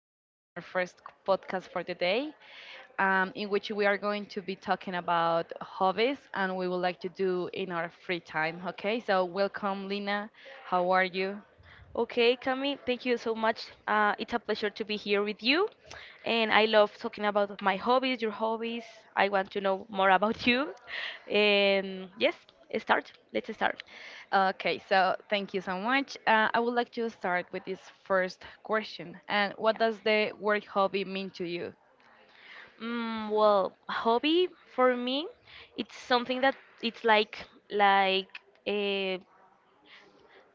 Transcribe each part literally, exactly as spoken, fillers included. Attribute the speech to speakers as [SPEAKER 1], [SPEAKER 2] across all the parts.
[SPEAKER 1] On our first c- podcast for the day, um, in which we are going to be talking about hobbies and we would like to do in our free time. Okay, so welcome, Lina. How are you?
[SPEAKER 2] Okay, Cami, thank you so much. Uh, it's a pleasure to be here with you. And I love talking about my hobbies, your hobbies. I want to know more about you. And yes, start. Let's start.
[SPEAKER 1] Okay, so thank you so much. Uh, I would like to start with this first question. And
[SPEAKER 2] Yeah.
[SPEAKER 1] what does the word hobby mean to you?
[SPEAKER 2] Mm, well, hobby for me, it's something that it's like like uh,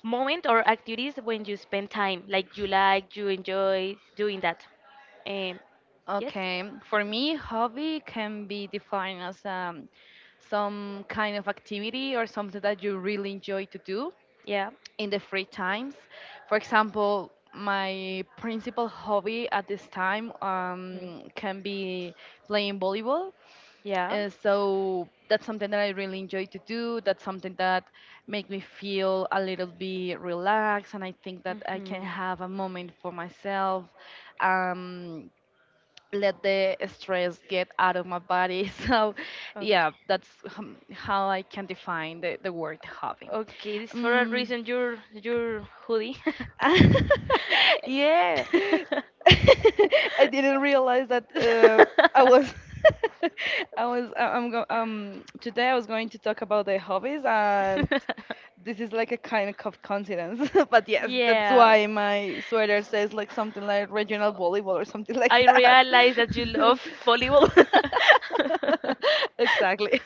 [SPEAKER 2] moment or activities when you spend time like you like you enjoy doing that um, yes.
[SPEAKER 1] Okay, for me, hobby can be defined as um, some kind of activity or something that you really enjoy to do
[SPEAKER 2] Yeah.
[SPEAKER 1] in the free times. For example, my principal hobby at this time
[SPEAKER 2] Mm,
[SPEAKER 1] um, can be playing volleyball.
[SPEAKER 2] yeah.
[SPEAKER 1] Uh, so that's something that I really enjoy to do. That's something that make me feel a little bit relaxed, and I think that I
[SPEAKER 2] Hmm.
[SPEAKER 1] can have a moment for myself. Um, Let the stress get out of my body. So,
[SPEAKER 2] Okay.
[SPEAKER 1] yeah, that's hum- how I can define the, the word hobby.
[SPEAKER 2] Okay, this for a
[SPEAKER 1] Mm.
[SPEAKER 2] reason your your hoodie.
[SPEAKER 1] Yeah, I didn't realize that uh, I was I was I- I'm go um today I was going to talk about the hobbies, and this is like a kind of coincidence, but yes, that's
[SPEAKER 2] Yeah.
[SPEAKER 1] why my sweater says like something like regional volleyball or something like
[SPEAKER 2] I
[SPEAKER 1] that.
[SPEAKER 2] realize that you love volleyball.
[SPEAKER 1] Exactly.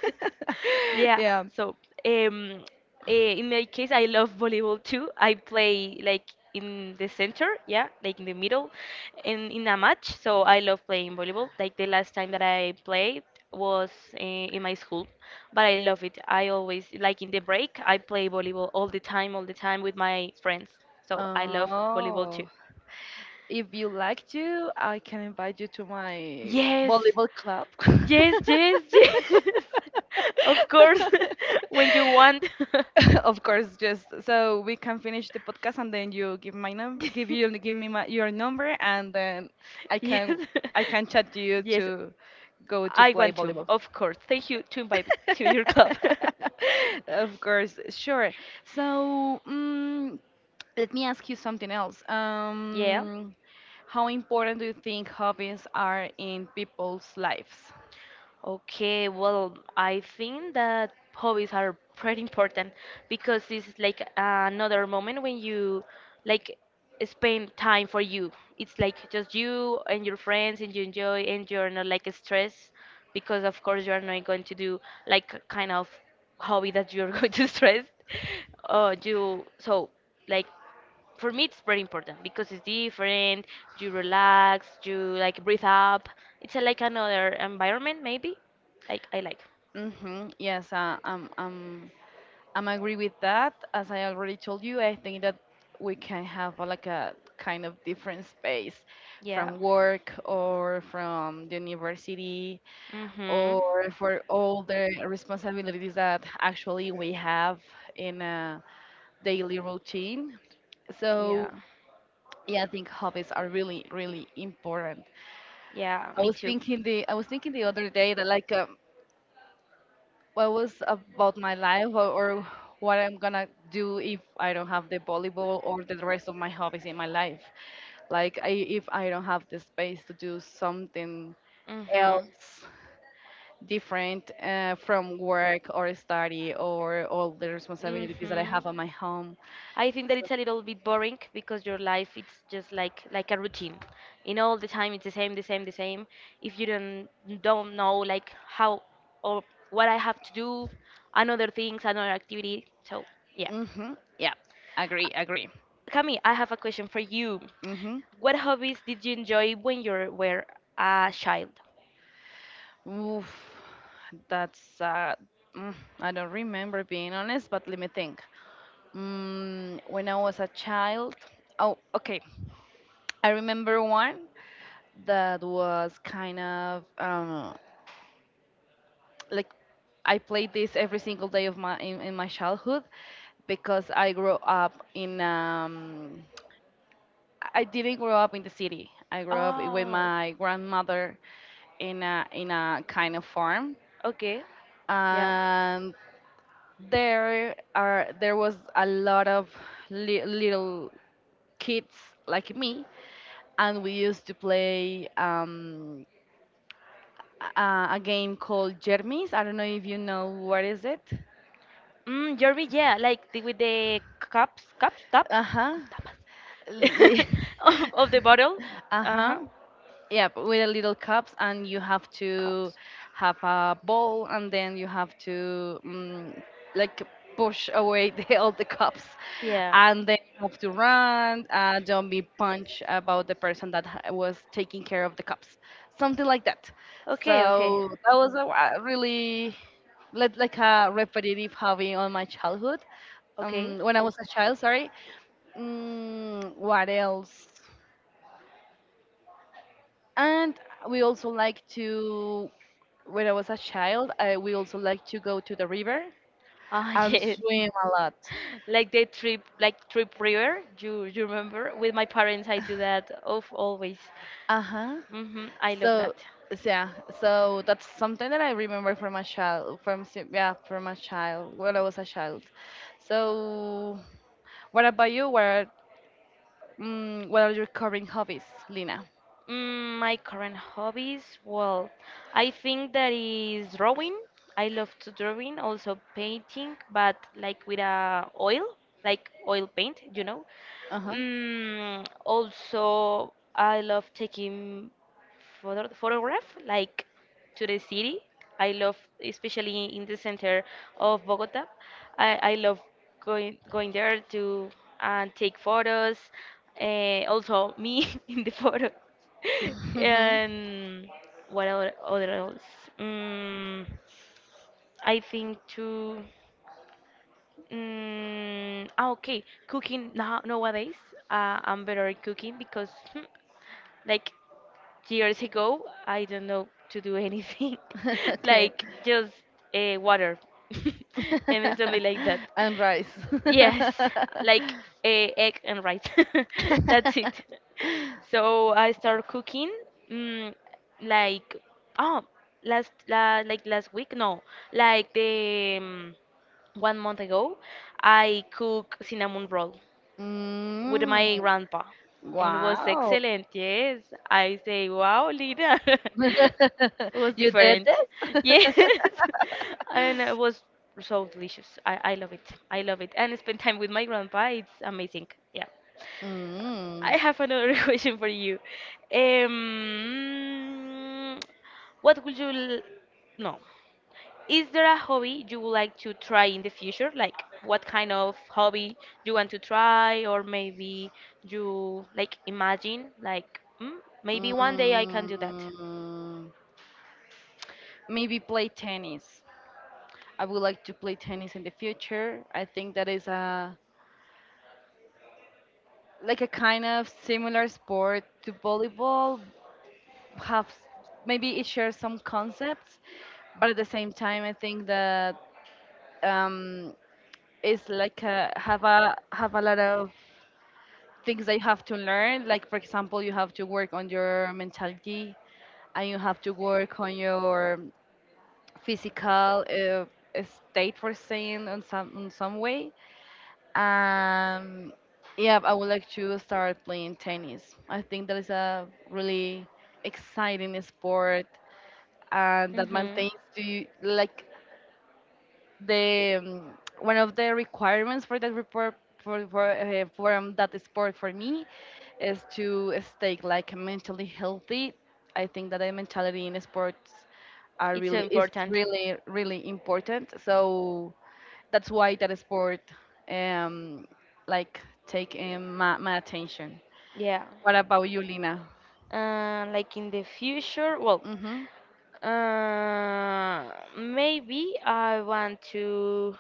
[SPEAKER 2] Yeah,
[SPEAKER 1] Yeah.
[SPEAKER 2] so um, eh, in my case, I love volleyball too. I play like in the center, yeah, like in the middle, and in a match. So I love playing volleyball. Like the last time that I played was eh, in my school, but I love it. I always like in the break, I play volleyball all the time, all the time with my friends. So I love volleyball too.
[SPEAKER 1] Oh, if you like to, I can invite you to my
[SPEAKER 2] Yes,
[SPEAKER 1] volleyball club.
[SPEAKER 2] yes, yes, yes. Of course, when you want.
[SPEAKER 1] Of course, just so we can finish the podcast, and then you give my number, give you give me my, your number, and then I
[SPEAKER 2] Yes,
[SPEAKER 1] can I can chat to you
[SPEAKER 2] yes,
[SPEAKER 1] to go to
[SPEAKER 2] I
[SPEAKER 1] play
[SPEAKER 2] want to,
[SPEAKER 1] volleyball.
[SPEAKER 2] of course. Thank you to invite me to your club.
[SPEAKER 1] Of course, sure. So, mm, let me ask you something else.
[SPEAKER 2] Yeah.
[SPEAKER 1] Um, how important do you think hobbies are in people's lives?
[SPEAKER 2] Okay, well, I think that hobbies are pretty important because this is like another moment when you like spend time for you. It's like just you and your friends and you enjoy and you're not like stressed because of course you are not going to do like kind of hobby that you're going to stress. Uh, you so like for me it's very important because it's different, you relax, you like breathe up, it's a, like another environment maybe like I like.
[SPEAKER 1] Mm-hmm. Yes, uh, um, um, I'm agree with that. As I already told you, I think that we can have a, like a kind of different space
[SPEAKER 2] Yeah.
[SPEAKER 1] from work or from the university
[SPEAKER 2] Mm-hmm.
[SPEAKER 1] or for all the responsibilities that actually we have in a daily routine. So
[SPEAKER 2] Yeah.
[SPEAKER 1] yeah, I think hobbies are really, really important.
[SPEAKER 2] Yeah,
[SPEAKER 1] I
[SPEAKER 2] me
[SPEAKER 1] was
[SPEAKER 2] too.
[SPEAKER 1] thinking the I was thinking the other day that like um, what was about my life or, or what I'm gonna do if I don't have the volleyball or the rest of my hobbies in my life. Like I, if I don't have the space to do something
[SPEAKER 2] Mm-hmm.
[SPEAKER 1] else different uh, from work or study or all the responsibilities that I
[SPEAKER 2] Mm-hmm.
[SPEAKER 1] have on my home.
[SPEAKER 2] I think that it's a little bit boring because your life it's just like like a routine. You know, all the time it's the same, the same, the same. If you don't don't know like how or what I have to do, another things, another activity. So yeah.
[SPEAKER 1] Mm-hmm. Yeah, agree, agree.
[SPEAKER 2] Cami, I have a question for you.
[SPEAKER 1] Mm-hmm.
[SPEAKER 2] What hobbies did you enjoy when you were a child?
[SPEAKER 1] Oof, that's uh, mm, I don't remember being honest, but let me think. Mm, when I was a child, oh, okay, I remember one that was kind of um, like I played this every single day of my in, in my childhood because I grew up in um, I didn't grow up in the city. I grew up with
[SPEAKER 2] Oh,
[SPEAKER 1] my grandmother in a in a kind of farm,
[SPEAKER 2] okay. Yeah.
[SPEAKER 1] and there are there was a lot of li- little kids like me, and we used to play um, a, a game called Jermis. I don't know if you know what is it.
[SPEAKER 2] Mm, Jerby, yeah, like the, with the cups, cups, tap,
[SPEAKER 1] Uh huh.
[SPEAKER 2] tapas of, of the bottle.
[SPEAKER 1] Uh
[SPEAKER 2] Uh
[SPEAKER 1] huh.
[SPEAKER 2] huh.
[SPEAKER 1] Yep, with a little cups, and you have to
[SPEAKER 2] Cups.
[SPEAKER 1] have a bowl, and then you have to mm like push away the, all the cups,
[SPEAKER 2] Yeah.
[SPEAKER 1] and then you have to run. Uh, don't be punch about the person that ha- was taking care of the cups, something like that.
[SPEAKER 2] Okay, okay,
[SPEAKER 1] So that was a wa- really like like a repetitive hobby on my childhood.
[SPEAKER 2] okay.
[SPEAKER 1] Um, when I was a child, sorry. Mm, what else? And we also like to when I was a child, I we also like to go to the river
[SPEAKER 2] Ah,
[SPEAKER 1] and
[SPEAKER 2] yes.
[SPEAKER 1] swim a lot.
[SPEAKER 2] Like the trip like trip river, you you remember with my parents, I do that of always.
[SPEAKER 1] Uh huh.
[SPEAKER 2] Hmm, I love
[SPEAKER 1] So
[SPEAKER 2] that.
[SPEAKER 1] so yeah, so that's something that I remember from a child, from s- yeah, from a child when I was a child. So what about you? What are, mm, what are your current hobbies, Lina?
[SPEAKER 2] Mm, my current hobbies, well, I think that is drawing. I love to drawing, also painting, but like with a oil, like oil paint, you know.
[SPEAKER 1] Uh
[SPEAKER 2] Mm, also, I love taking photo photograph like to the city. I love, especially in the center of Bogota. I, I love going going there to uh, take photos, uh, also me in the photo.
[SPEAKER 1] huh.
[SPEAKER 2] And what other, other else? Mm, I think to mm, ah, okay, cooking now nowadays. Uh, I'm better at cooking because hmm, like years ago, I don't know to do anything,
[SPEAKER 1] Okay.
[SPEAKER 2] like just uh, water and then something like that.
[SPEAKER 1] And rice.
[SPEAKER 2] Yes, like uh, egg and rice. That's it. So I start cooking mm, like oh last la, like last week, no, like the um, one month ago, I cook cinnamon roll with
[SPEAKER 1] Mm,
[SPEAKER 2] my grandpa. And it was
[SPEAKER 1] wow.
[SPEAKER 2] excellent, yes. I say, wow, Lina. It was
[SPEAKER 1] You did
[SPEAKER 2] different.
[SPEAKER 1] this?
[SPEAKER 2] Yes. And it was so delicious. I, I love it. I love it. And spend time with my grandpa, it's amazing. Yeah.
[SPEAKER 1] Mm,
[SPEAKER 2] I have another question for you. Um, what would you l- no? Is there a hobby you would like to try in the future? Like what kind of hobby you want to try, or maybe you like imagine like mm, maybe one day I can do that.
[SPEAKER 1] mm, Maybe play tennis. I would like to play tennis in the future. I think that is a like a kind of similar sport to volleyball, have maybe it shares some concepts, but at the same time, I think that um, it's like a, have a have a lot of things that you have to learn. Like for example, you have to work on your mentality, and you have to work on your physical uh, state for saying on some in some way. Um, yeah, I would like to start playing tennis. I think that is a really exciting sport, and that
[SPEAKER 2] Hmm.
[SPEAKER 1] maintains the like the um, one of the requirements for that report for for uh, for um, that sport for me is to stay like mentally healthy. I think that the mentality in sports are
[SPEAKER 2] It's so
[SPEAKER 1] really is
[SPEAKER 2] important.
[SPEAKER 1] really, really important. So that's why that sport um like take um, my, my attention.
[SPEAKER 2] Yeah.
[SPEAKER 1] What about you, Lina?
[SPEAKER 2] Uh, like in the future, well,
[SPEAKER 1] hmm
[SPEAKER 2] uh, maybe I want to.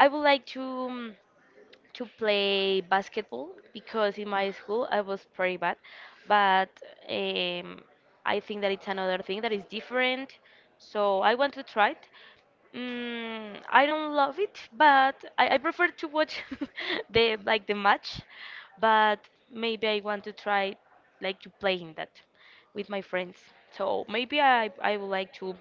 [SPEAKER 2] I would like to. Um, to play basketball because in my school I was pretty bad, but um, I think that it's another thing that is different. So I want to try it. Mm, I don't love it, but I, I prefer to watch the like the match. But maybe I want to try like to play in that with my friends. So maybe I I would like to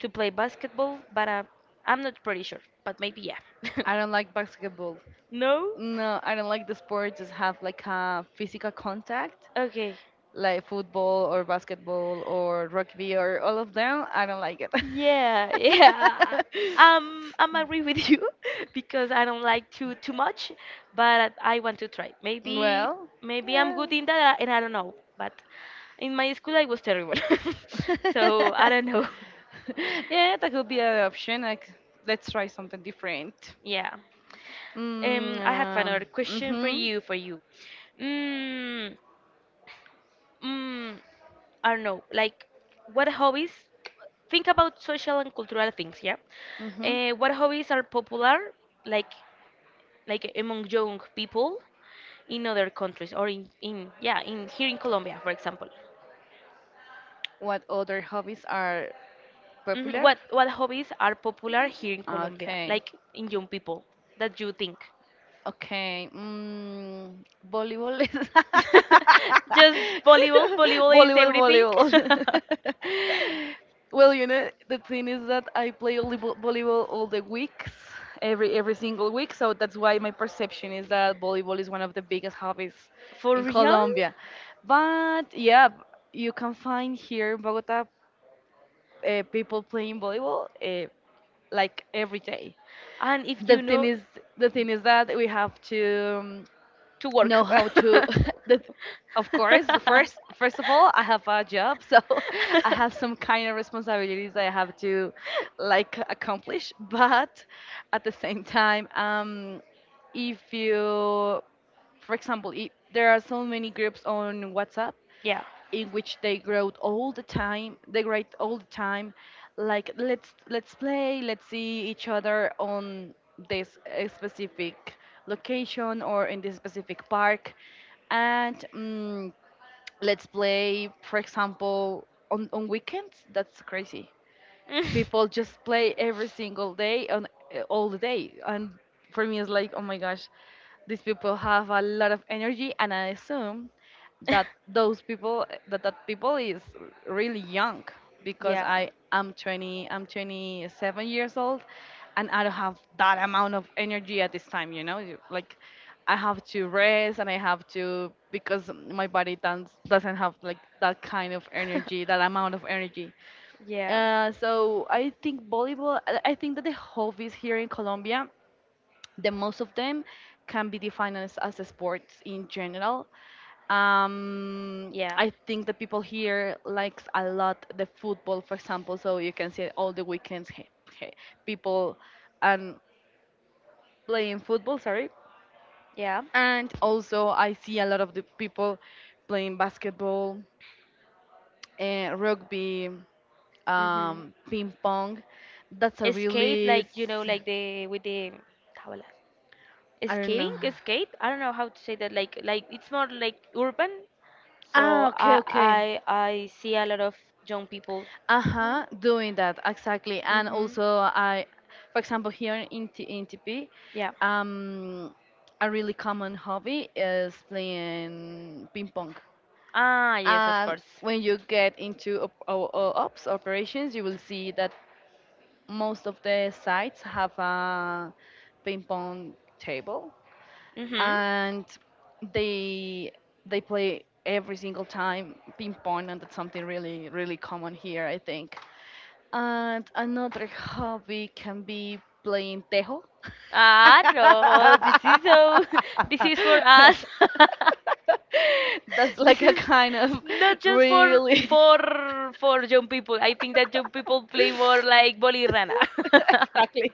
[SPEAKER 2] to play basketball, but uh, I'm not pretty sure. But maybe yeah.
[SPEAKER 1] I don't like basketball.
[SPEAKER 2] No?
[SPEAKER 1] No, I don't like the sport. Just have like a physical contact,
[SPEAKER 2] Okay.
[SPEAKER 1] like football or basketball or rugby or all of them. I don't like it.
[SPEAKER 2] Yeah, yeah. Um, I'm agree with you because I don't like to too much, but I want to try. Maybe,
[SPEAKER 1] Well,
[SPEAKER 2] maybe I'm
[SPEAKER 1] yeah.
[SPEAKER 2] good in that, and I don't know. But in my school, I was terrible, so I don't know.
[SPEAKER 1] Yeah, that could be an option. Like, let's try something different.
[SPEAKER 2] Yeah.
[SPEAKER 1] Mm,
[SPEAKER 2] Um, I have
[SPEAKER 1] um,
[SPEAKER 2] another question for
[SPEAKER 1] mhm,
[SPEAKER 2] you. For you, mm, mm, I don't know, like what hobbies? Think about social and cultural things, yeah.
[SPEAKER 1] mhm.
[SPEAKER 2] Uh, what hobbies are popular, like like among young people in other countries or in, in yeah in here in Colombia, for example.
[SPEAKER 1] What other hobbies are
[SPEAKER 2] Mhm.
[SPEAKER 1] popular?
[SPEAKER 2] What what hobbies are popular here in Colombia,
[SPEAKER 1] Okay.
[SPEAKER 2] like in young people, that you think?
[SPEAKER 1] Okay, mm, volleyball is
[SPEAKER 2] Just volleyball. Volleyball is
[SPEAKER 1] volleyball,
[SPEAKER 2] everything.
[SPEAKER 1] volleyball. Well, you know, the thing is that I play only vo- volleyball all the weeks, every every single week. So that's why my perception is that volleyball is one of the biggest hobbies
[SPEAKER 2] For
[SPEAKER 1] in
[SPEAKER 2] real?
[SPEAKER 1] Colombia. But yeah, b- you can find here in Bogota uh, people playing volleyball uh, like every day.
[SPEAKER 2] And if
[SPEAKER 1] The
[SPEAKER 2] you
[SPEAKER 1] thing
[SPEAKER 2] know,
[SPEAKER 1] is, the thing is that we have to. um,
[SPEAKER 2] to work.
[SPEAKER 1] know how to the, of course, first first of all, I have a job, so I have some kind of responsibilities I have to like accomplish, but at the same time, um if you for example, I there are so many groups on WhatsApp in which they grow all the time. They grow all the time, like let's let's play, let's see each other on this uh, specific location or in this specific park, and um, let's play, for example, on on weekends. That's crazy, people just play every single day and uh, all the day, and for me it's like oh my gosh, these people have a lot of energy, and I assume
[SPEAKER 2] Mm.
[SPEAKER 1] that those people that that people is really young because
[SPEAKER 2] Yeah.
[SPEAKER 1] I am twenty, I'm twenty-seven years old, and I don't have that amount of energy at this time you know You- like I have to rest, and I have to because my body does, not doesn't have like that kind of energy, that amount of energy,
[SPEAKER 2] Yeah.
[SPEAKER 1] uh, so I think volleyball. I I think that the hobbies here in Colombia, the most of them can be defined as, as sports in general. Um,
[SPEAKER 2] Yeah.
[SPEAKER 1] I think the people here likes a lot the football, for example. So you can see all the weekends he- he- people and playing football. Sorry,
[SPEAKER 2] Yeah.
[SPEAKER 1] and also I see a lot of the people playing basketball, uh, rugby,
[SPEAKER 2] Mhm.
[SPEAKER 1] um, ping pong. That's a
[SPEAKER 2] Skate
[SPEAKER 1] really
[SPEAKER 2] like you know
[SPEAKER 1] s-
[SPEAKER 2] like the with the how
[SPEAKER 1] I don't
[SPEAKER 2] skating
[SPEAKER 1] know.
[SPEAKER 2] skate, I don't know how to say that, like like it's more like urban, so
[SPEAKER 1] Ah,
[SPEAKER 2] i
[SPEAKER 1] okay, okay.
[SPEAKER 2] i i see a lot of young people.
[SPEAKER 1] Uh-huh, doing that exactly. And
[SPEAKER 2] Hmm.
[SPEAKER 1] also I for example, here in T in T P,
[SPEAKER 2] Yeah.
[SPEAKER 1] um a really common hobby is playing ping pong.
[SPEAKER 2] Ah, yes, of
[SPEAKER 1] And
[SPEAKER 2] course.
[SPEAKER 1] when you get into op o- o- ops operations, you will see that most of the sites have a ping pong table,
[SPEAKER 2] Mm-hmm.
[SPEAKER 1] and they they play every single time ping pong, and that's something really, really common here, I think. And another hobby can be playing tejo.
[SPEAKER 2] Ah, no, this is so, this is for us.
[SPEAKER 1] That's like
[SPEAKER 2] This
[SPEAKER 1] a
[SPEAKER 2] is
[SPEAKER 1] kind of
[SPEAKER 2] not just for
[SPEAKER 1] really
[SPEAKER 2] for for young people. I think that young people play more like bolirana.
[SPEAKER 1] exactly.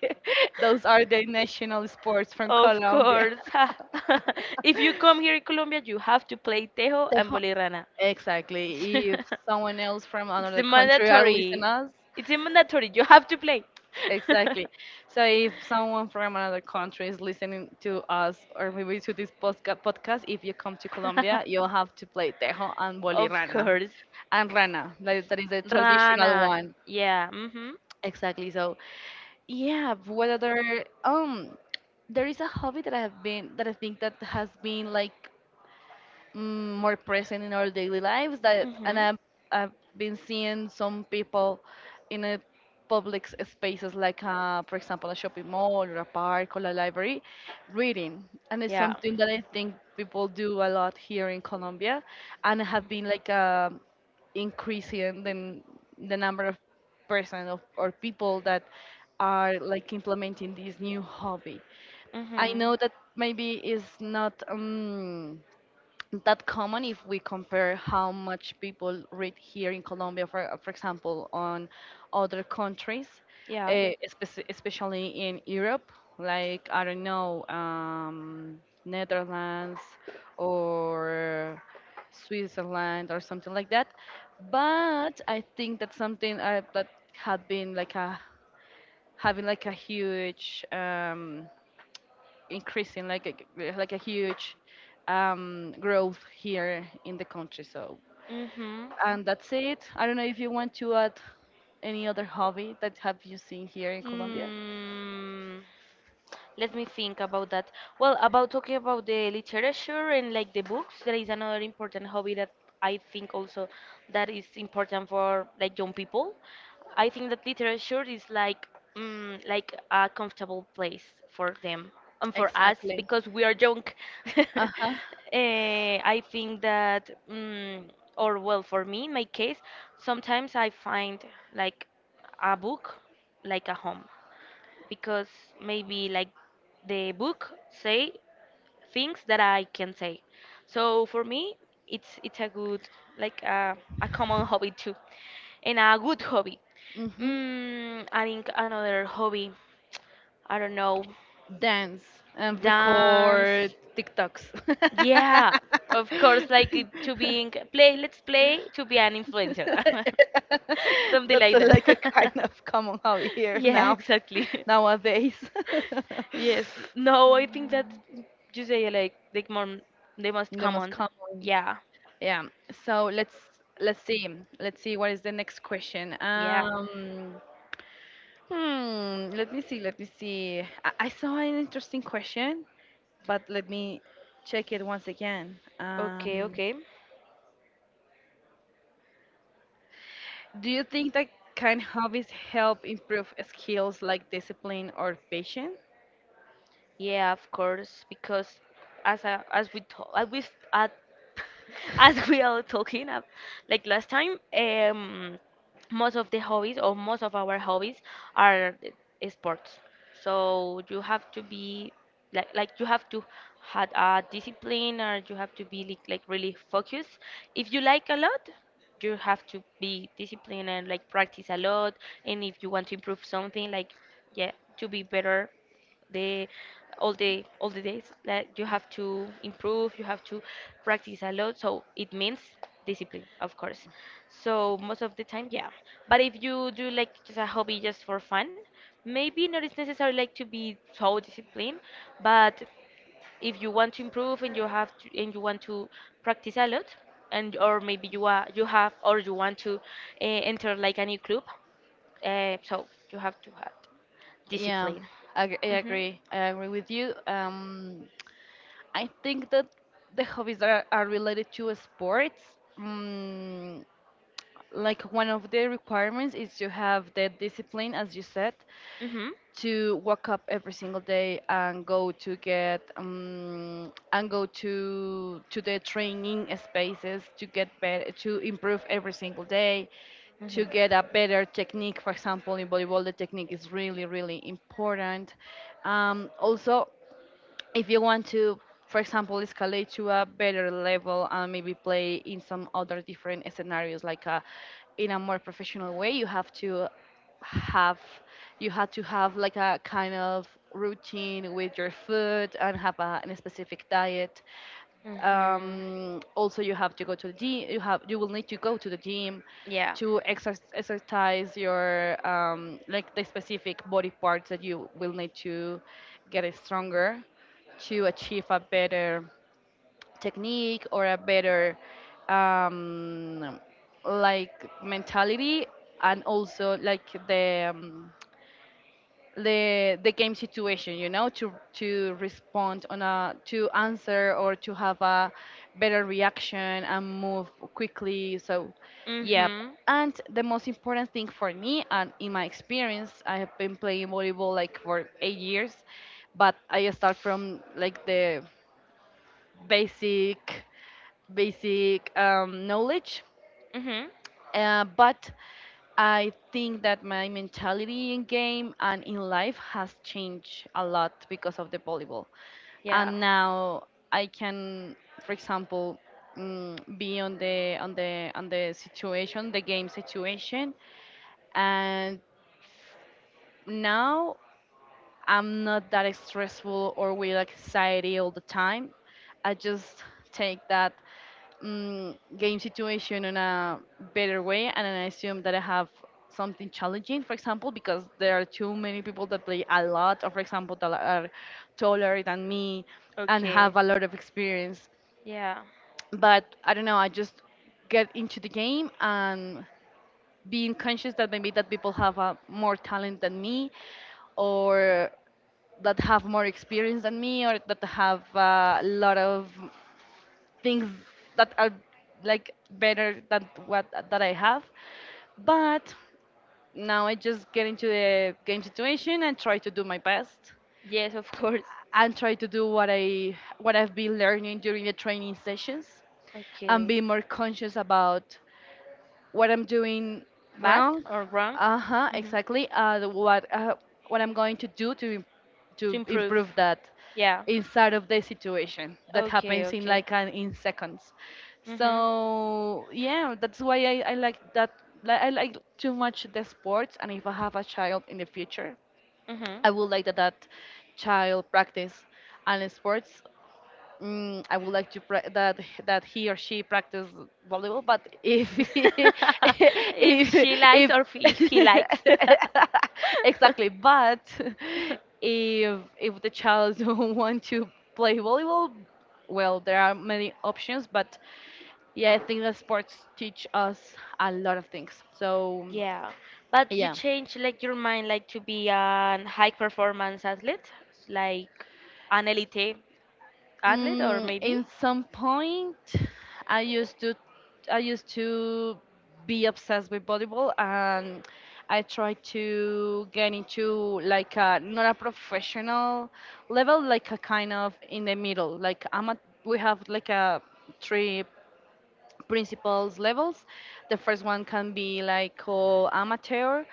[SPEAKER 1] Those are the national sports from
[SPEAKER 2] Of
[SPEAKER 1] Colombia.
[SPEAKER 2] course. Ha. If you come here in Colombia, you have to play tejo and
[SPEAKER 1] Tejo.
[SPEAKER 2] bolirana.
[SPEAKER 1] Exactly. If someone else from
[SPEAKER 2] It's
[SPEAKER 1] another
[SPEAKER 2] the
[SPEAKER 1] country are listening
[SPEAKER 2] mandatory.
[SPEAKER 1] us,
[SPEAKER 2] It's a mandatory. You have to play.
[SPEAKER 1] exactly. So if someone from another country is listening to us or maybe to this podca- podcast, if you come to Colombia, you'll have to play tejo and
[SPEAKER 2] Of
[SPEAKER 1] bolirana
[SPEAKER 2] course.
[SPEAKER 1] and rana. Like that is a traditional
[SPEAKER 2] Rana.
[SPEAKER 1] one.
[SPEAKER 2] Yeah. Mm-hmm.
[SPEAKER 1] Exactly. So yeah, what other um there is a hobby that I have been that I think that has been like mm, more present in our daily lives, that and
[SPEAKER 2] Mm-hmm.
[SPEAKER 1] I've, I've been seeing some people in a public s- spaces like uh, for example a shopping mall or a park or a library reading, and it's
[SPEAKER 2] Yeah.
[SPEAKER 1] something that I think people do a lot here in Colombia, and have been like uh, increasing the, the number of person of, or people that are like implementing this new hobby. I
[SPEAKER 2] Mm-hmm.
[SPEAKER 1] know that maybe it's not um, that common if we compare how much people read here in Colombia, for, uh, for example, on other countries, uh,
[SPEAKER 2] Yeah.
[SPEAKER 1] espec- especially in Europe, like, I don't know, um, Netherlands or Switzerland or something like that. But I think that's something uh, that had been like a having like a huge um, increasing like a, like a huge um, growth here in the country. So,
[SPEAKER 2] Mhm.
[SPEAKER 1] and that's it. I don't know if you want to add any other hobby that have you seen here in Colombia.
[SPEAKER 2] Mm. Let me think about that. Well, about talking about the literature and like the books, there is another important hobby that I think also that is important for like young people. I think that literature is like mm, like a comfortable place for them and for us
[SPEAKER 1] Exactly.
[SPEAKER 2] because we are young.
[SPEAKER 1] Uh huh.
[SPEAKER 2] Eh, I think that, mm, or well, for me in my case, sometimes I find like a book like a home because maybe like the book say things that I can say. So for me, it's it's a good like uh, a common hobby too, and a good hobby.
[SPEAKER 1] Mhm.
[SPEAKER 2] Mm, I think another hobby, I don't know,
[SPEAKER 1] Dance and record
[SPEAKER 2] dance.
[SPEAKER 1] TikToks.
[SPEAKER 2] Yeah, of course, like it- to being play. Let's play to be an influencer, something
[SPEAKER 1] That's a,
[SPEAKER 2] like
[SPEAKER 1] like a
[SPEAKER 2] that.
[SPEAKER 1] kind of common hobby here
[SPEAKER 2] Yeah,
[SPEAKER 1] now
[SPEAKER 2] exactly.
[SPEAKER 1] nowadays.
[SPEAKER 2] Yes. No, I think that you say like the more the most
[SPEAKER 1] The most
[SPEAKER 2] common.
[SPEAKER 1] common.
[SPEAKER 2] Yeah.
[SPEAKER 1] Yeah. So let's let's see. Let's see what is the next question.
[SPEAKER 2] Yeah.
[SPEAKER 1] Um, hmm. Let me see. Let me see. I, I saw an interesting question, but let me check it once again.
[SPEAKER 2] Okay,
[SPEAKER 1] Um,
[SPEAKER 2] okay.
[SPEAKER 1] do you think that kind hobbies help improve skills like discipline or patience?
[SPEAKER 2] Yeah, of course, because as I, as we talk, as we as, as we are talking uh, like last time, um, most of the hobbies or most of our hobbies are the sports. So you have to be like like you have to had a discipline, or you have to be like, like really focused. If you like a lot, you have to be disciplined and like practice a lot. And if you want to improve something, like yeah, to be better, the all the all the days like you have to improve, you have to practice a lot, so it means discipline, of course. So most of the time, yeah, but if you do like just a hobby just for fun, maybe not it's necessary like to be so disciplined, but if you want to improve and you have to and you want to practice a lot, and or maybe you are you have or you want to uh, enter like a new club, uh, so you have to have
[SPEAKER 1] Yeah,
[SPEAKER 2] discipline.
[SPEAKER 1] I, ag- I
[SPEAKER 2] Hmm.
[SPEAKER 1] agree. I agree with you. Um, I think that the hobbies that are, are related to sports, mm, like one of the requirements is to have the discipline, as you said,
[SPEAKER 2] Mhm.
[SPEAKER 1] to wake up every single day and go to get um, and go to to the training spaces to get better, to improve every single day,
[SPEAKER 2] Mhm.
[SPEAKER 1] to get a better technique. For example, in volleyball, the technique is really, really important. Um, also, if you want to for example escalate to a better level and maybe play in some other different scenarios like a, in a more professional way you have to have you had to have like a kind of routine with your food and have a, an specific diet
[SPEAKER 2] Mhm.
[SPEAKER 1] um, also you have to go to the gym you have you will need to go to the gym
[SPEAKER 2] Yeah.
[SPEAKER 1] to exercise, exercise your um, like the specific body parts that you will need to get it stronger to achieve a better technique or a better um, like mentality and also like the um, the the game situation, you know, to to respond on a to answer or to have a better reaction and move quickly. So yep.
[SPEAKER 2] Mm-hmm.
[SPEAKER 1] And the most important thing for me and in my experience, I have been playing volleyball like for eight years, but I start from like the basic basic um, knowledge.
[SPEAKER 2] Mm-hmm.
[SPEAKER 1] Uh, but I think that my mentality in game and in life has changed a lot because of the volleyball.
[SPEAKER 2] Yeah.
[SPEAKER 1] And now I can, for example, mm, be on the on the on the situation, the game situation, and now I'm not that stressful or with anxiety all the time. I just take that mm, game situation in a better way, and then I assume that I have something challenging. For example, because there are too many people that play a lot, or for example that are taller than me and
[SPEAKER 2] Okay.
[SPEAKER 1] have a lot of experience.
[SPEAKER 2] Yeah.
[SPEAKER 1] But I don't know, I just get into the game and being conscious that maybe that people have uh, more talent than me, or that have more experience than me, or that have a lot of things that are like better than what that I have. But now I just get into the game situation and try to do my best
[SPEAKER 2] Yes, of course.
[SPEAKER 1] and try to do what I what I've been learning during the training sessions and be
[SPEAKER 2] Okay.
[SPEAKER 1] more conscious about what I'm doing
[SPEAKER 2] Bad
[SPEAKER 1] wrong.
[SPEAKER 2] or wrong?
[SPEAKER 1] Uh huh.
[SPEAKER 2] Hmm.
[SPEAKER 1] Exactly. Uh, the- what uh, what I'm going to do to im-
[SPEAKER 2] To
[SPEAKER 1] to
[SPEAKER 2] improve.
[SPEAKER 1] improve that
[SPEAKER 2] Yeah.
[SPEAKER 1] inside of the situation that
[SPEAKER 2] Okay,
[SPEAKER 1] happens in
[SPEAKER 2] okay.
[SPEAKER 1] like an, in seconds.
[SPEAKER 2] Mm-hmm.
[SPEAKER 1] So yeah, that's why I, I like that. Like, I like too much the sports, and if I have a child in the future,
[SPEAKER 2] Mhm.
[SPEAKER 1] I would like that that child practice and sports. mm, I would like to pra- that that he or she practice volleyball, but if he-
[SPEAKER 2] If
[SPEAKER 1] if
[SPEAKER 2] she likes
[SPEAKER 1] if
[SPEAKER 2] or if if he likes.
[SPEAKER 1] exactly, but if if the child don't want to play volleyball, well, there are many options, but yeah, I think that sports teach us a lot of things. So
[SPEAKER 2] Yeah, but you
[SPEAKER 1] yeah.
[SPEAKER 2] change like your mind like to be an high performance athlete, like an elite athlete, or
[SPEAKER 1] Mm, in
[SPEAKER 2] maybe?
[SPEAKER 1] some point, I used to, I used to be obsessed with volleyball, and I tried to get into like a not a professional level, like a kind of in the middle. Like I'm a, we have like a three principles levels. The first one can be like called amateur,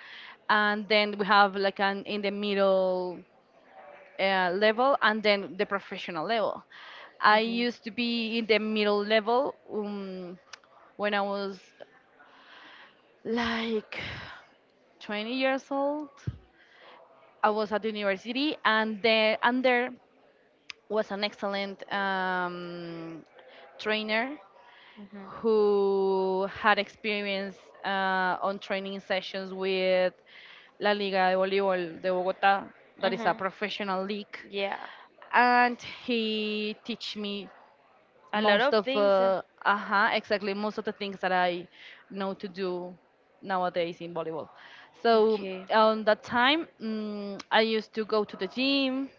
[SPEAKER 1] and then we have like an in the middle uh, level, and then the professional level. I
[SPEAKER 2] Mhm.
[SPEAKER 1] used to be in the middle level, um, when I was like twenty years old. I was at university, and there and there was an excellent um, trainer
[SPEAKER 2] Mhm.
[SPEAKER 1] who had experience uh, on training sessions with La Liga de Voleibol de Bogotá, that is a
[SPEAKER 2] Mhm.
[SPEAKER 1] professional league,
[SPEAKER 2] Yeah.
[SPEAKER 1] and he teach me
[SPEAKER 2] A lot
[SPEAKER 1] most
[SPEAKER 2] of
[SPEAKER 1] of
[SPEAKER 2] things. uh,
[SPEAKER 1] uh, uh exactly most of the things that I know to do nowadays in volleyball. So um,
[SPEAKER 2] Okay.
[SPEAKER 1] on that time, mm I used to go to the gym.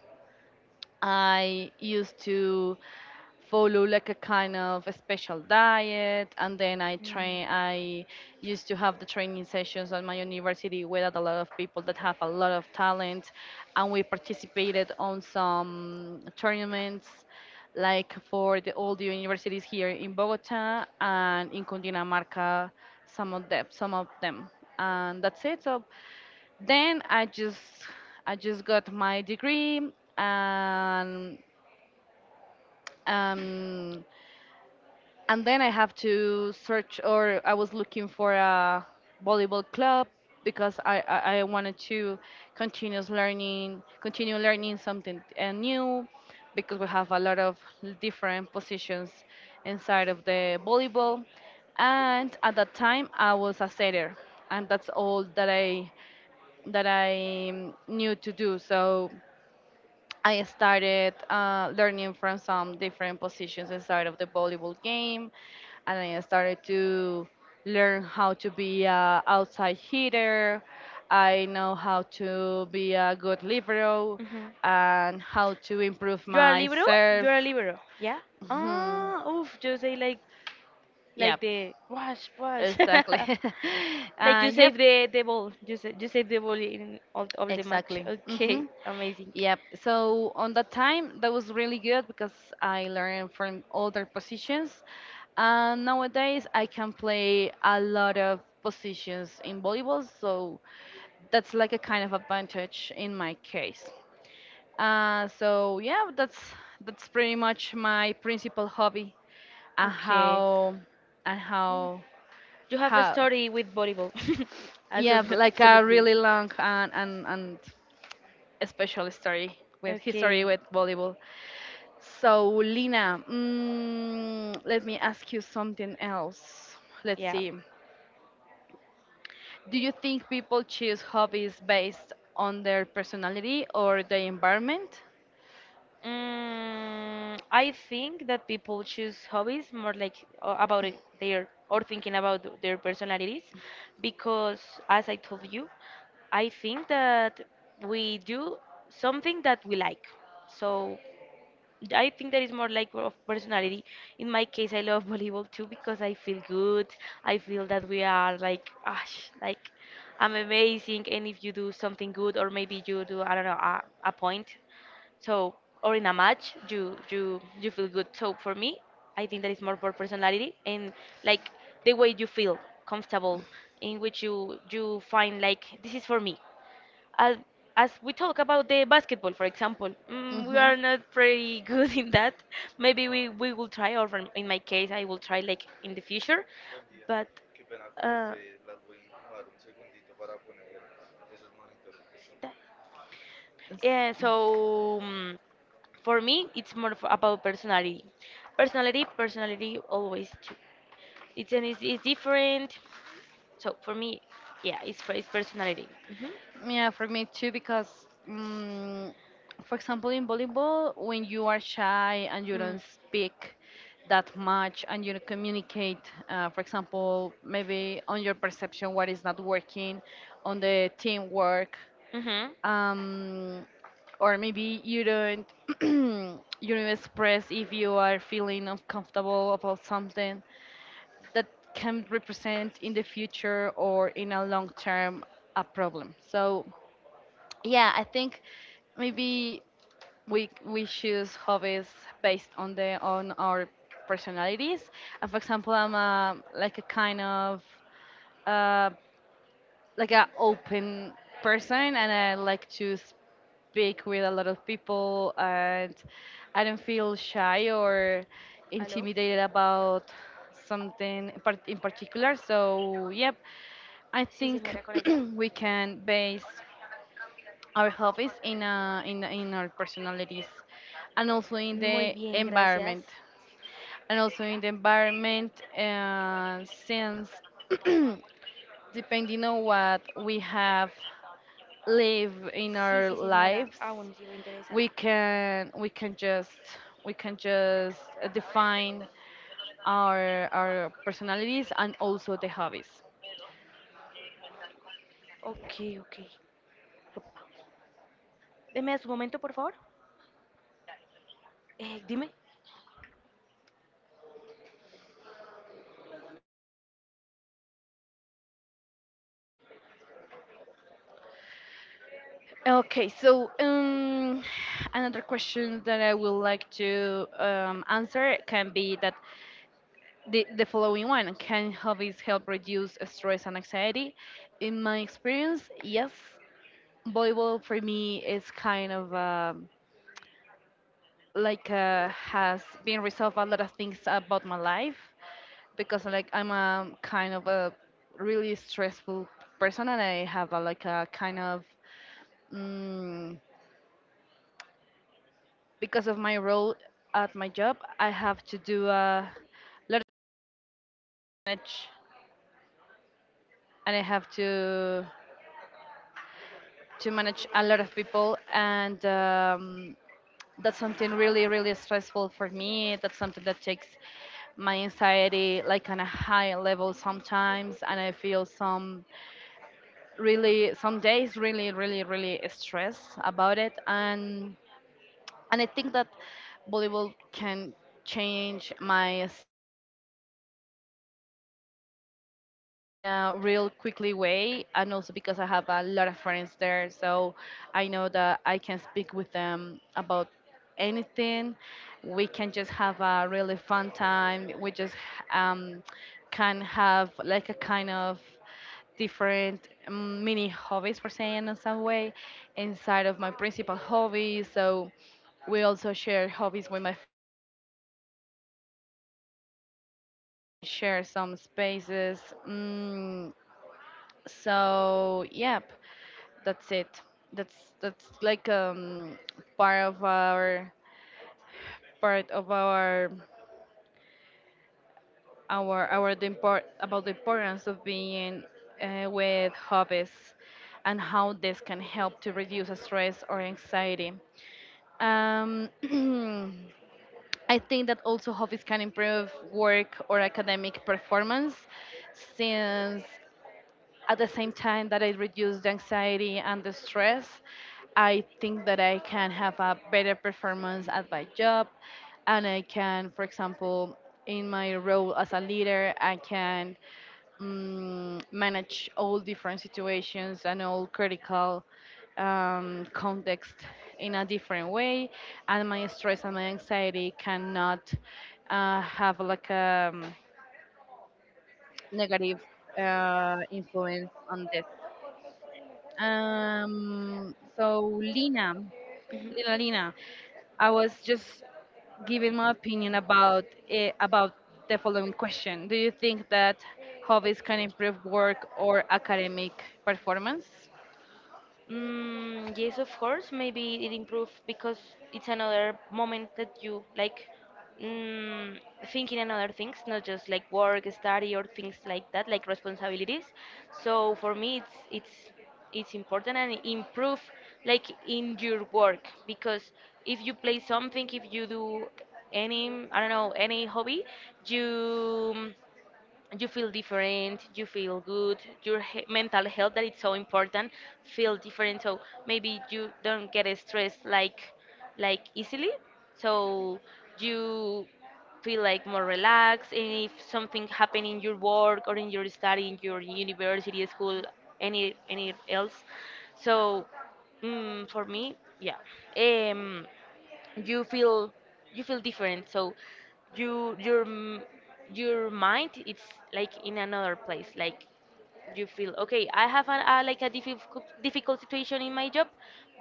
[SPEAKER 1] I used to follow like a kind of a special diet, and then I
[SPEAKER 2] Mm.
[SPEAKER 1] train I used to have the training sessions at my university with a lot of people that have a lot of talent, and we participated on some tournaments like for the, all the universities here in Bogota and in Cundinamarca. Some of them some of them. And that's it. So then I just I just got my degree and um and then I have to search, or I was looking for a volleyball club, because I I, I wanted to continue learning continue learning something uh, new, because we have a lot of different positions inside of the volleyball, and at that time I was a setter, and that's all that I that I knew to do. So I started uh, learning from some different positions inside of the volleyball game, and I started to learn how to be a outside hitter. I know how to be a good libero
[SPEAKER 2] Hmm.
[SPEAKER 1] and how to improve
[SPEAKER 2] You are a
[SPEAKER 1] my
[SPEAKER 2] libero? You
[SPEAKER 1] serve.
[SPEAKER 2] are a libero, yeah?
[SPEAKER 1] Hmm.
[SPEAKER 2] Ah, oof, you say like
[SPEAKER 1] Yep,
[SPEAKER 2] like the wash, wash.
[SPEAKER 1] exactly.
[SPEAKER 2] Like you
[SPEAKER 1] uh, yep,
[SPEAKER 2] save the the ball. You save, you save the ball in all, all the match.
[SPEAKER 1] exactly.
[SPEAKER 2] Okay,
[SPEAKER 1] hmm
[SPEAKER 2] amazing.
[SPEAKER 1] Yep. So on that time, that was really good because I learned from older positions. And nowadays, I can play a lot of positions in volleyball. So that's like a kind of advantage in my case. Uh, so yeah, that's that's pretty much my principal hobby and
[SPEAKER 2] Okay.
[SPEAKER 1] how and how
[SPEAKER 2] You have a
[SPEAKER 1] how.
[SPEAKER 2] story with volleyball. Also,
[SPEAKER 1] Yeah, like a
[SPEAKER 2] absolutely.
[SPEAKER 1] really long and and, and special story with history
[SPEAKER 2] Okay.
[SPEAKER 1] with volleyball. So, Lina, mm, let me ask you something else. Let's
[SPEAKER 2] Yeah.
[SPEAKER 1] see. Do you think people choose hobbies based on their personality or the environment?
[SPEAKER 2] Mm, I think that people choose hobbies more like uh, about it- their or thinking about th- their personalities because, as I told you, I think that we do something that we like. So I think that is more like of personality. In my case, I love volleyball too because I feel good. I feel that we are like, gosh, like I'm amazing. And if you do something good, or maybe you do, I don't know, a, a point, so or in a match, you you you feel good. So for me, I think that is more for personality and like the way you feel comfortable, in which you you find like this is for me as as we talk about the basketball, for example, mm, we are not very good in that. Maybe we, we will try, or from- in my case, I will try like in the future. But uh, that- yeah, so mm, for me, it's more of about personality. Personality, personality, always. ch- It's an it's, it's different. So for me, yeah, it's, per- it's personality. Hmm.
[SPEAKER 1] Yeah, for me too, because, mm for example, in volleyball, when you are shy and you
[SPEAKER 2] Mm.
[SPEAKER 1] don't speak that much and you don't communicate, uh, for example, maybe on your perception what is not working, on the teamwork,
[SPEAKER 2] Mm-hmm.
[SPEAKER 1] um, or maybe you don't you don't express if you are feeling uncomfortable about something that can represent in the future or in a long term a problem. So yeah, I think maybe we we choose hobbies based on the on our personalities. And for example, I'm a, like a kind of uh, like a open person, and I like to speak with a lot of people, and I don't feel shy or
[SPEAKER 2] ¿Aló?
[SPEAKER 1] intimidated about something in part- in particular. So yep, I
[SPEAKER 2] Sí,
[SPEAKER 1] think
[SPEAKER 2] señora, con ella.
[SPEAKER 1] we can base our hobbies in uh, in in our personalities, and also in
[SPEAKER 2] Muy
[SPEAKER 1] the
[SPEAKER 2] bien, gracias.
[SPEAKER 1] environment, and also in the environment uh, since depending on what we have lived in
[SPEAKER 2] Sí,
[SPEAKER 1] our
[SPEAKER 2] sí, señora,
[SPEAKER 1] lives,
[SPEAKER 2] aún sigo
[SPEAKER 1] we
[SPEAKER 2] interesada.
[SPEAKER 1] can we can just we can just define our our personalities and also the hobbies.
[SPEAKER 2] Ok, ok. Ropa. Deme su momento, por favor. Eh, dime.
[SPEAKER 1] Okay, so um, another question that I would like to um, answer can be that the, the following one: can hobbies help reduce stress and anxiety? In my experience, yes. Volleyball for me is kind of um like uh, has been resolved a lot of things about my life, because like I'm a kind of a really stressful person, and I have a, like a kind of. Mm, because of my role at my job, I have to do a lot of manage, and I have to to manage a lot of people, and um, that's something really really stressful for me. That's something that takes my anxiety like on a high level sometimes, and I feel some really some days really really really stressed about it. And and I think that volleyball can change my state of mind and can change my mood in a real quickly way, and also because I have a lot of friends there. So I know that I can speak with them about anything. We can just have a really fun time. We just um, can have like a kind of different um, mini hobbies, for saying in some way, inside of my principal hobby. So we also share hobbies with my friends from volleyball, like cooking in our homes, and share some spaces. Mm, so yep, that's it. That's that's like um part of our part of our our our the import about the importance of being uh, with hobbies and how this can help to reduce stress or anxiety. Um, I think that also hobbies can improve work or academic performance, since at the same time that I reduce the anxiety and the stress, I think that I can have a better performance at my job, and I can, for example, in my role as a leader, I can um, manage all different situations and all critical um, context in a different way, and my stress and my anxiety cannot uh, have like a um, negative uh, influence on this. Um, so Lina,
[SPEAKER 2] Ujú.
[SPEAKER 1] Lina, Lina, I was just giving my opinion about eh, about the following question. Do you think that hobbies can improve work or academic performance?
[SPEAKER 2] Mm, yes, of course. Maybe it improved because it's another moment that you like mm, thinking another things, not just like work, study, or things like that, like responsibilities. So for me, it's it's it's important and improve like in your work because if you play something, if you do any I don't know any hobby, you you feel different, you feel good, your he- mental health that it's so important feel different, so maybe you don't get stressed like like easily, so you feel like more relaxed, and if something happen in your work or in your study in your university school any any else, so mm, for me yeah, um you feel you feel different, so you your m- your mind it's like in another place, like you feel okay, I have an, a like a difficult difficult situation in my job,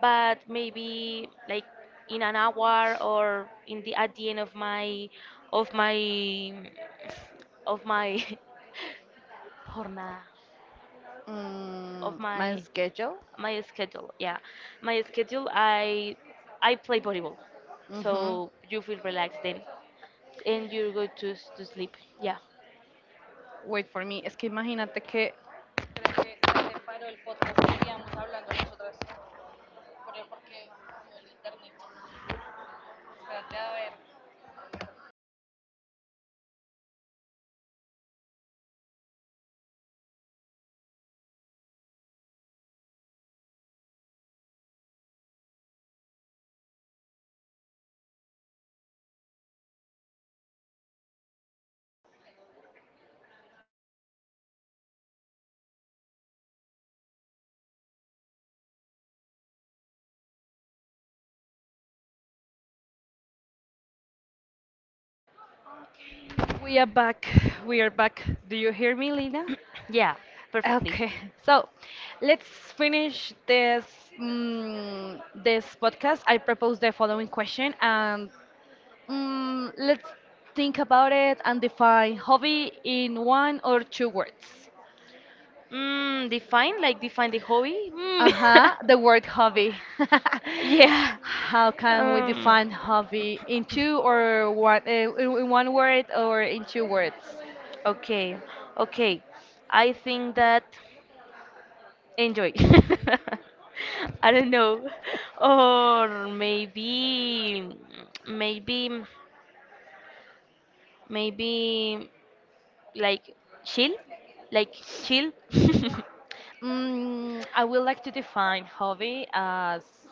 [SPEAKER 2] but maybe like in an hour or in the at the end of my of my of my jornada of
[SPEAKER 1] Mm, my
[SPEAKER 2] my
[SPEAKER 1] schedule.
[SPEAKER 2] my schedule, yeah my schedule, i i play volleyball,
[SPEAKER 1] Mhm.
[SPEAKER 2] so you feel relaxed then and you go to s- to sleep. Yeah.
[SPEAKER 1] Wait for me. Es que imagínate que we are back. We are back. Do you hear me, Lina?
[SPEAKER 2] Yeah, perfectly.
[SPEAKER 1] Okay. So, let's finish this mm this podcast. I propose the following question, and mm, let's think about it and define hobby in one or two words.
[SPEAKER 2] Mm, define like define the hobby.
[SPEAKER 1] Uh
[SPEAKER 2] Mm.
[SPEAKER 1] huh. The word hobby.
[SPEAKER 2] Yeah.
[SPEAKER 1] How can we
[SPEAKER 2] Um.
[SPEAKER 1] define hobby in two or one eh, in in one word or in two words?
[SPEAKER 2] Okay. Okay. I think that enjoy. I don't know. Or maybe maybe maybe like chill like chill.
[SPEAKER 1] Mm, I would like to define hobby as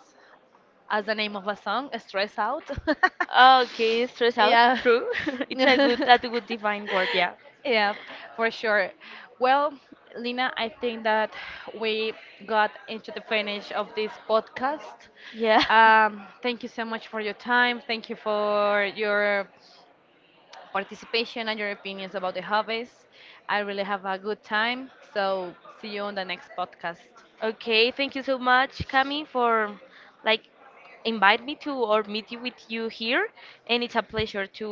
[SPEAKER 1] as the name of a song, stress out.
[SPEAKER 2] Okay, stress out,
[SPEAKER 1] yeah.
[SPEAKER 2] true. it's a good That's a good defined word. Yeah.
[SPEAKER 1] yeah, for sure. Well, Lina, I think that we got into the finish of this podcast.
[SPEAKER 2] Yeah.
[SPEAKER 1] Um, thank you so much for your time. Thank you for your participation and your opinions about the hobbies. I really have a good time. So, see you on the next podcast.
[SPEAKER 2] Okay, thank you so much, Cami, for like invite me to or meet you with you here, and it's a pleasure to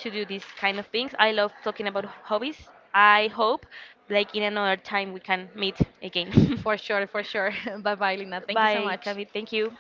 [SPEAKER 2] to do these kind of things. I love talking about hobbies. I hope like in another time we can meet again.
[SPEAKER 1] For sure, for sure. Bye bye, Lina. Thank you so
[SPEAKER 2] Bye,
[SPEAKER 1] much.
[SPEAKER 2] Cami. Thank you.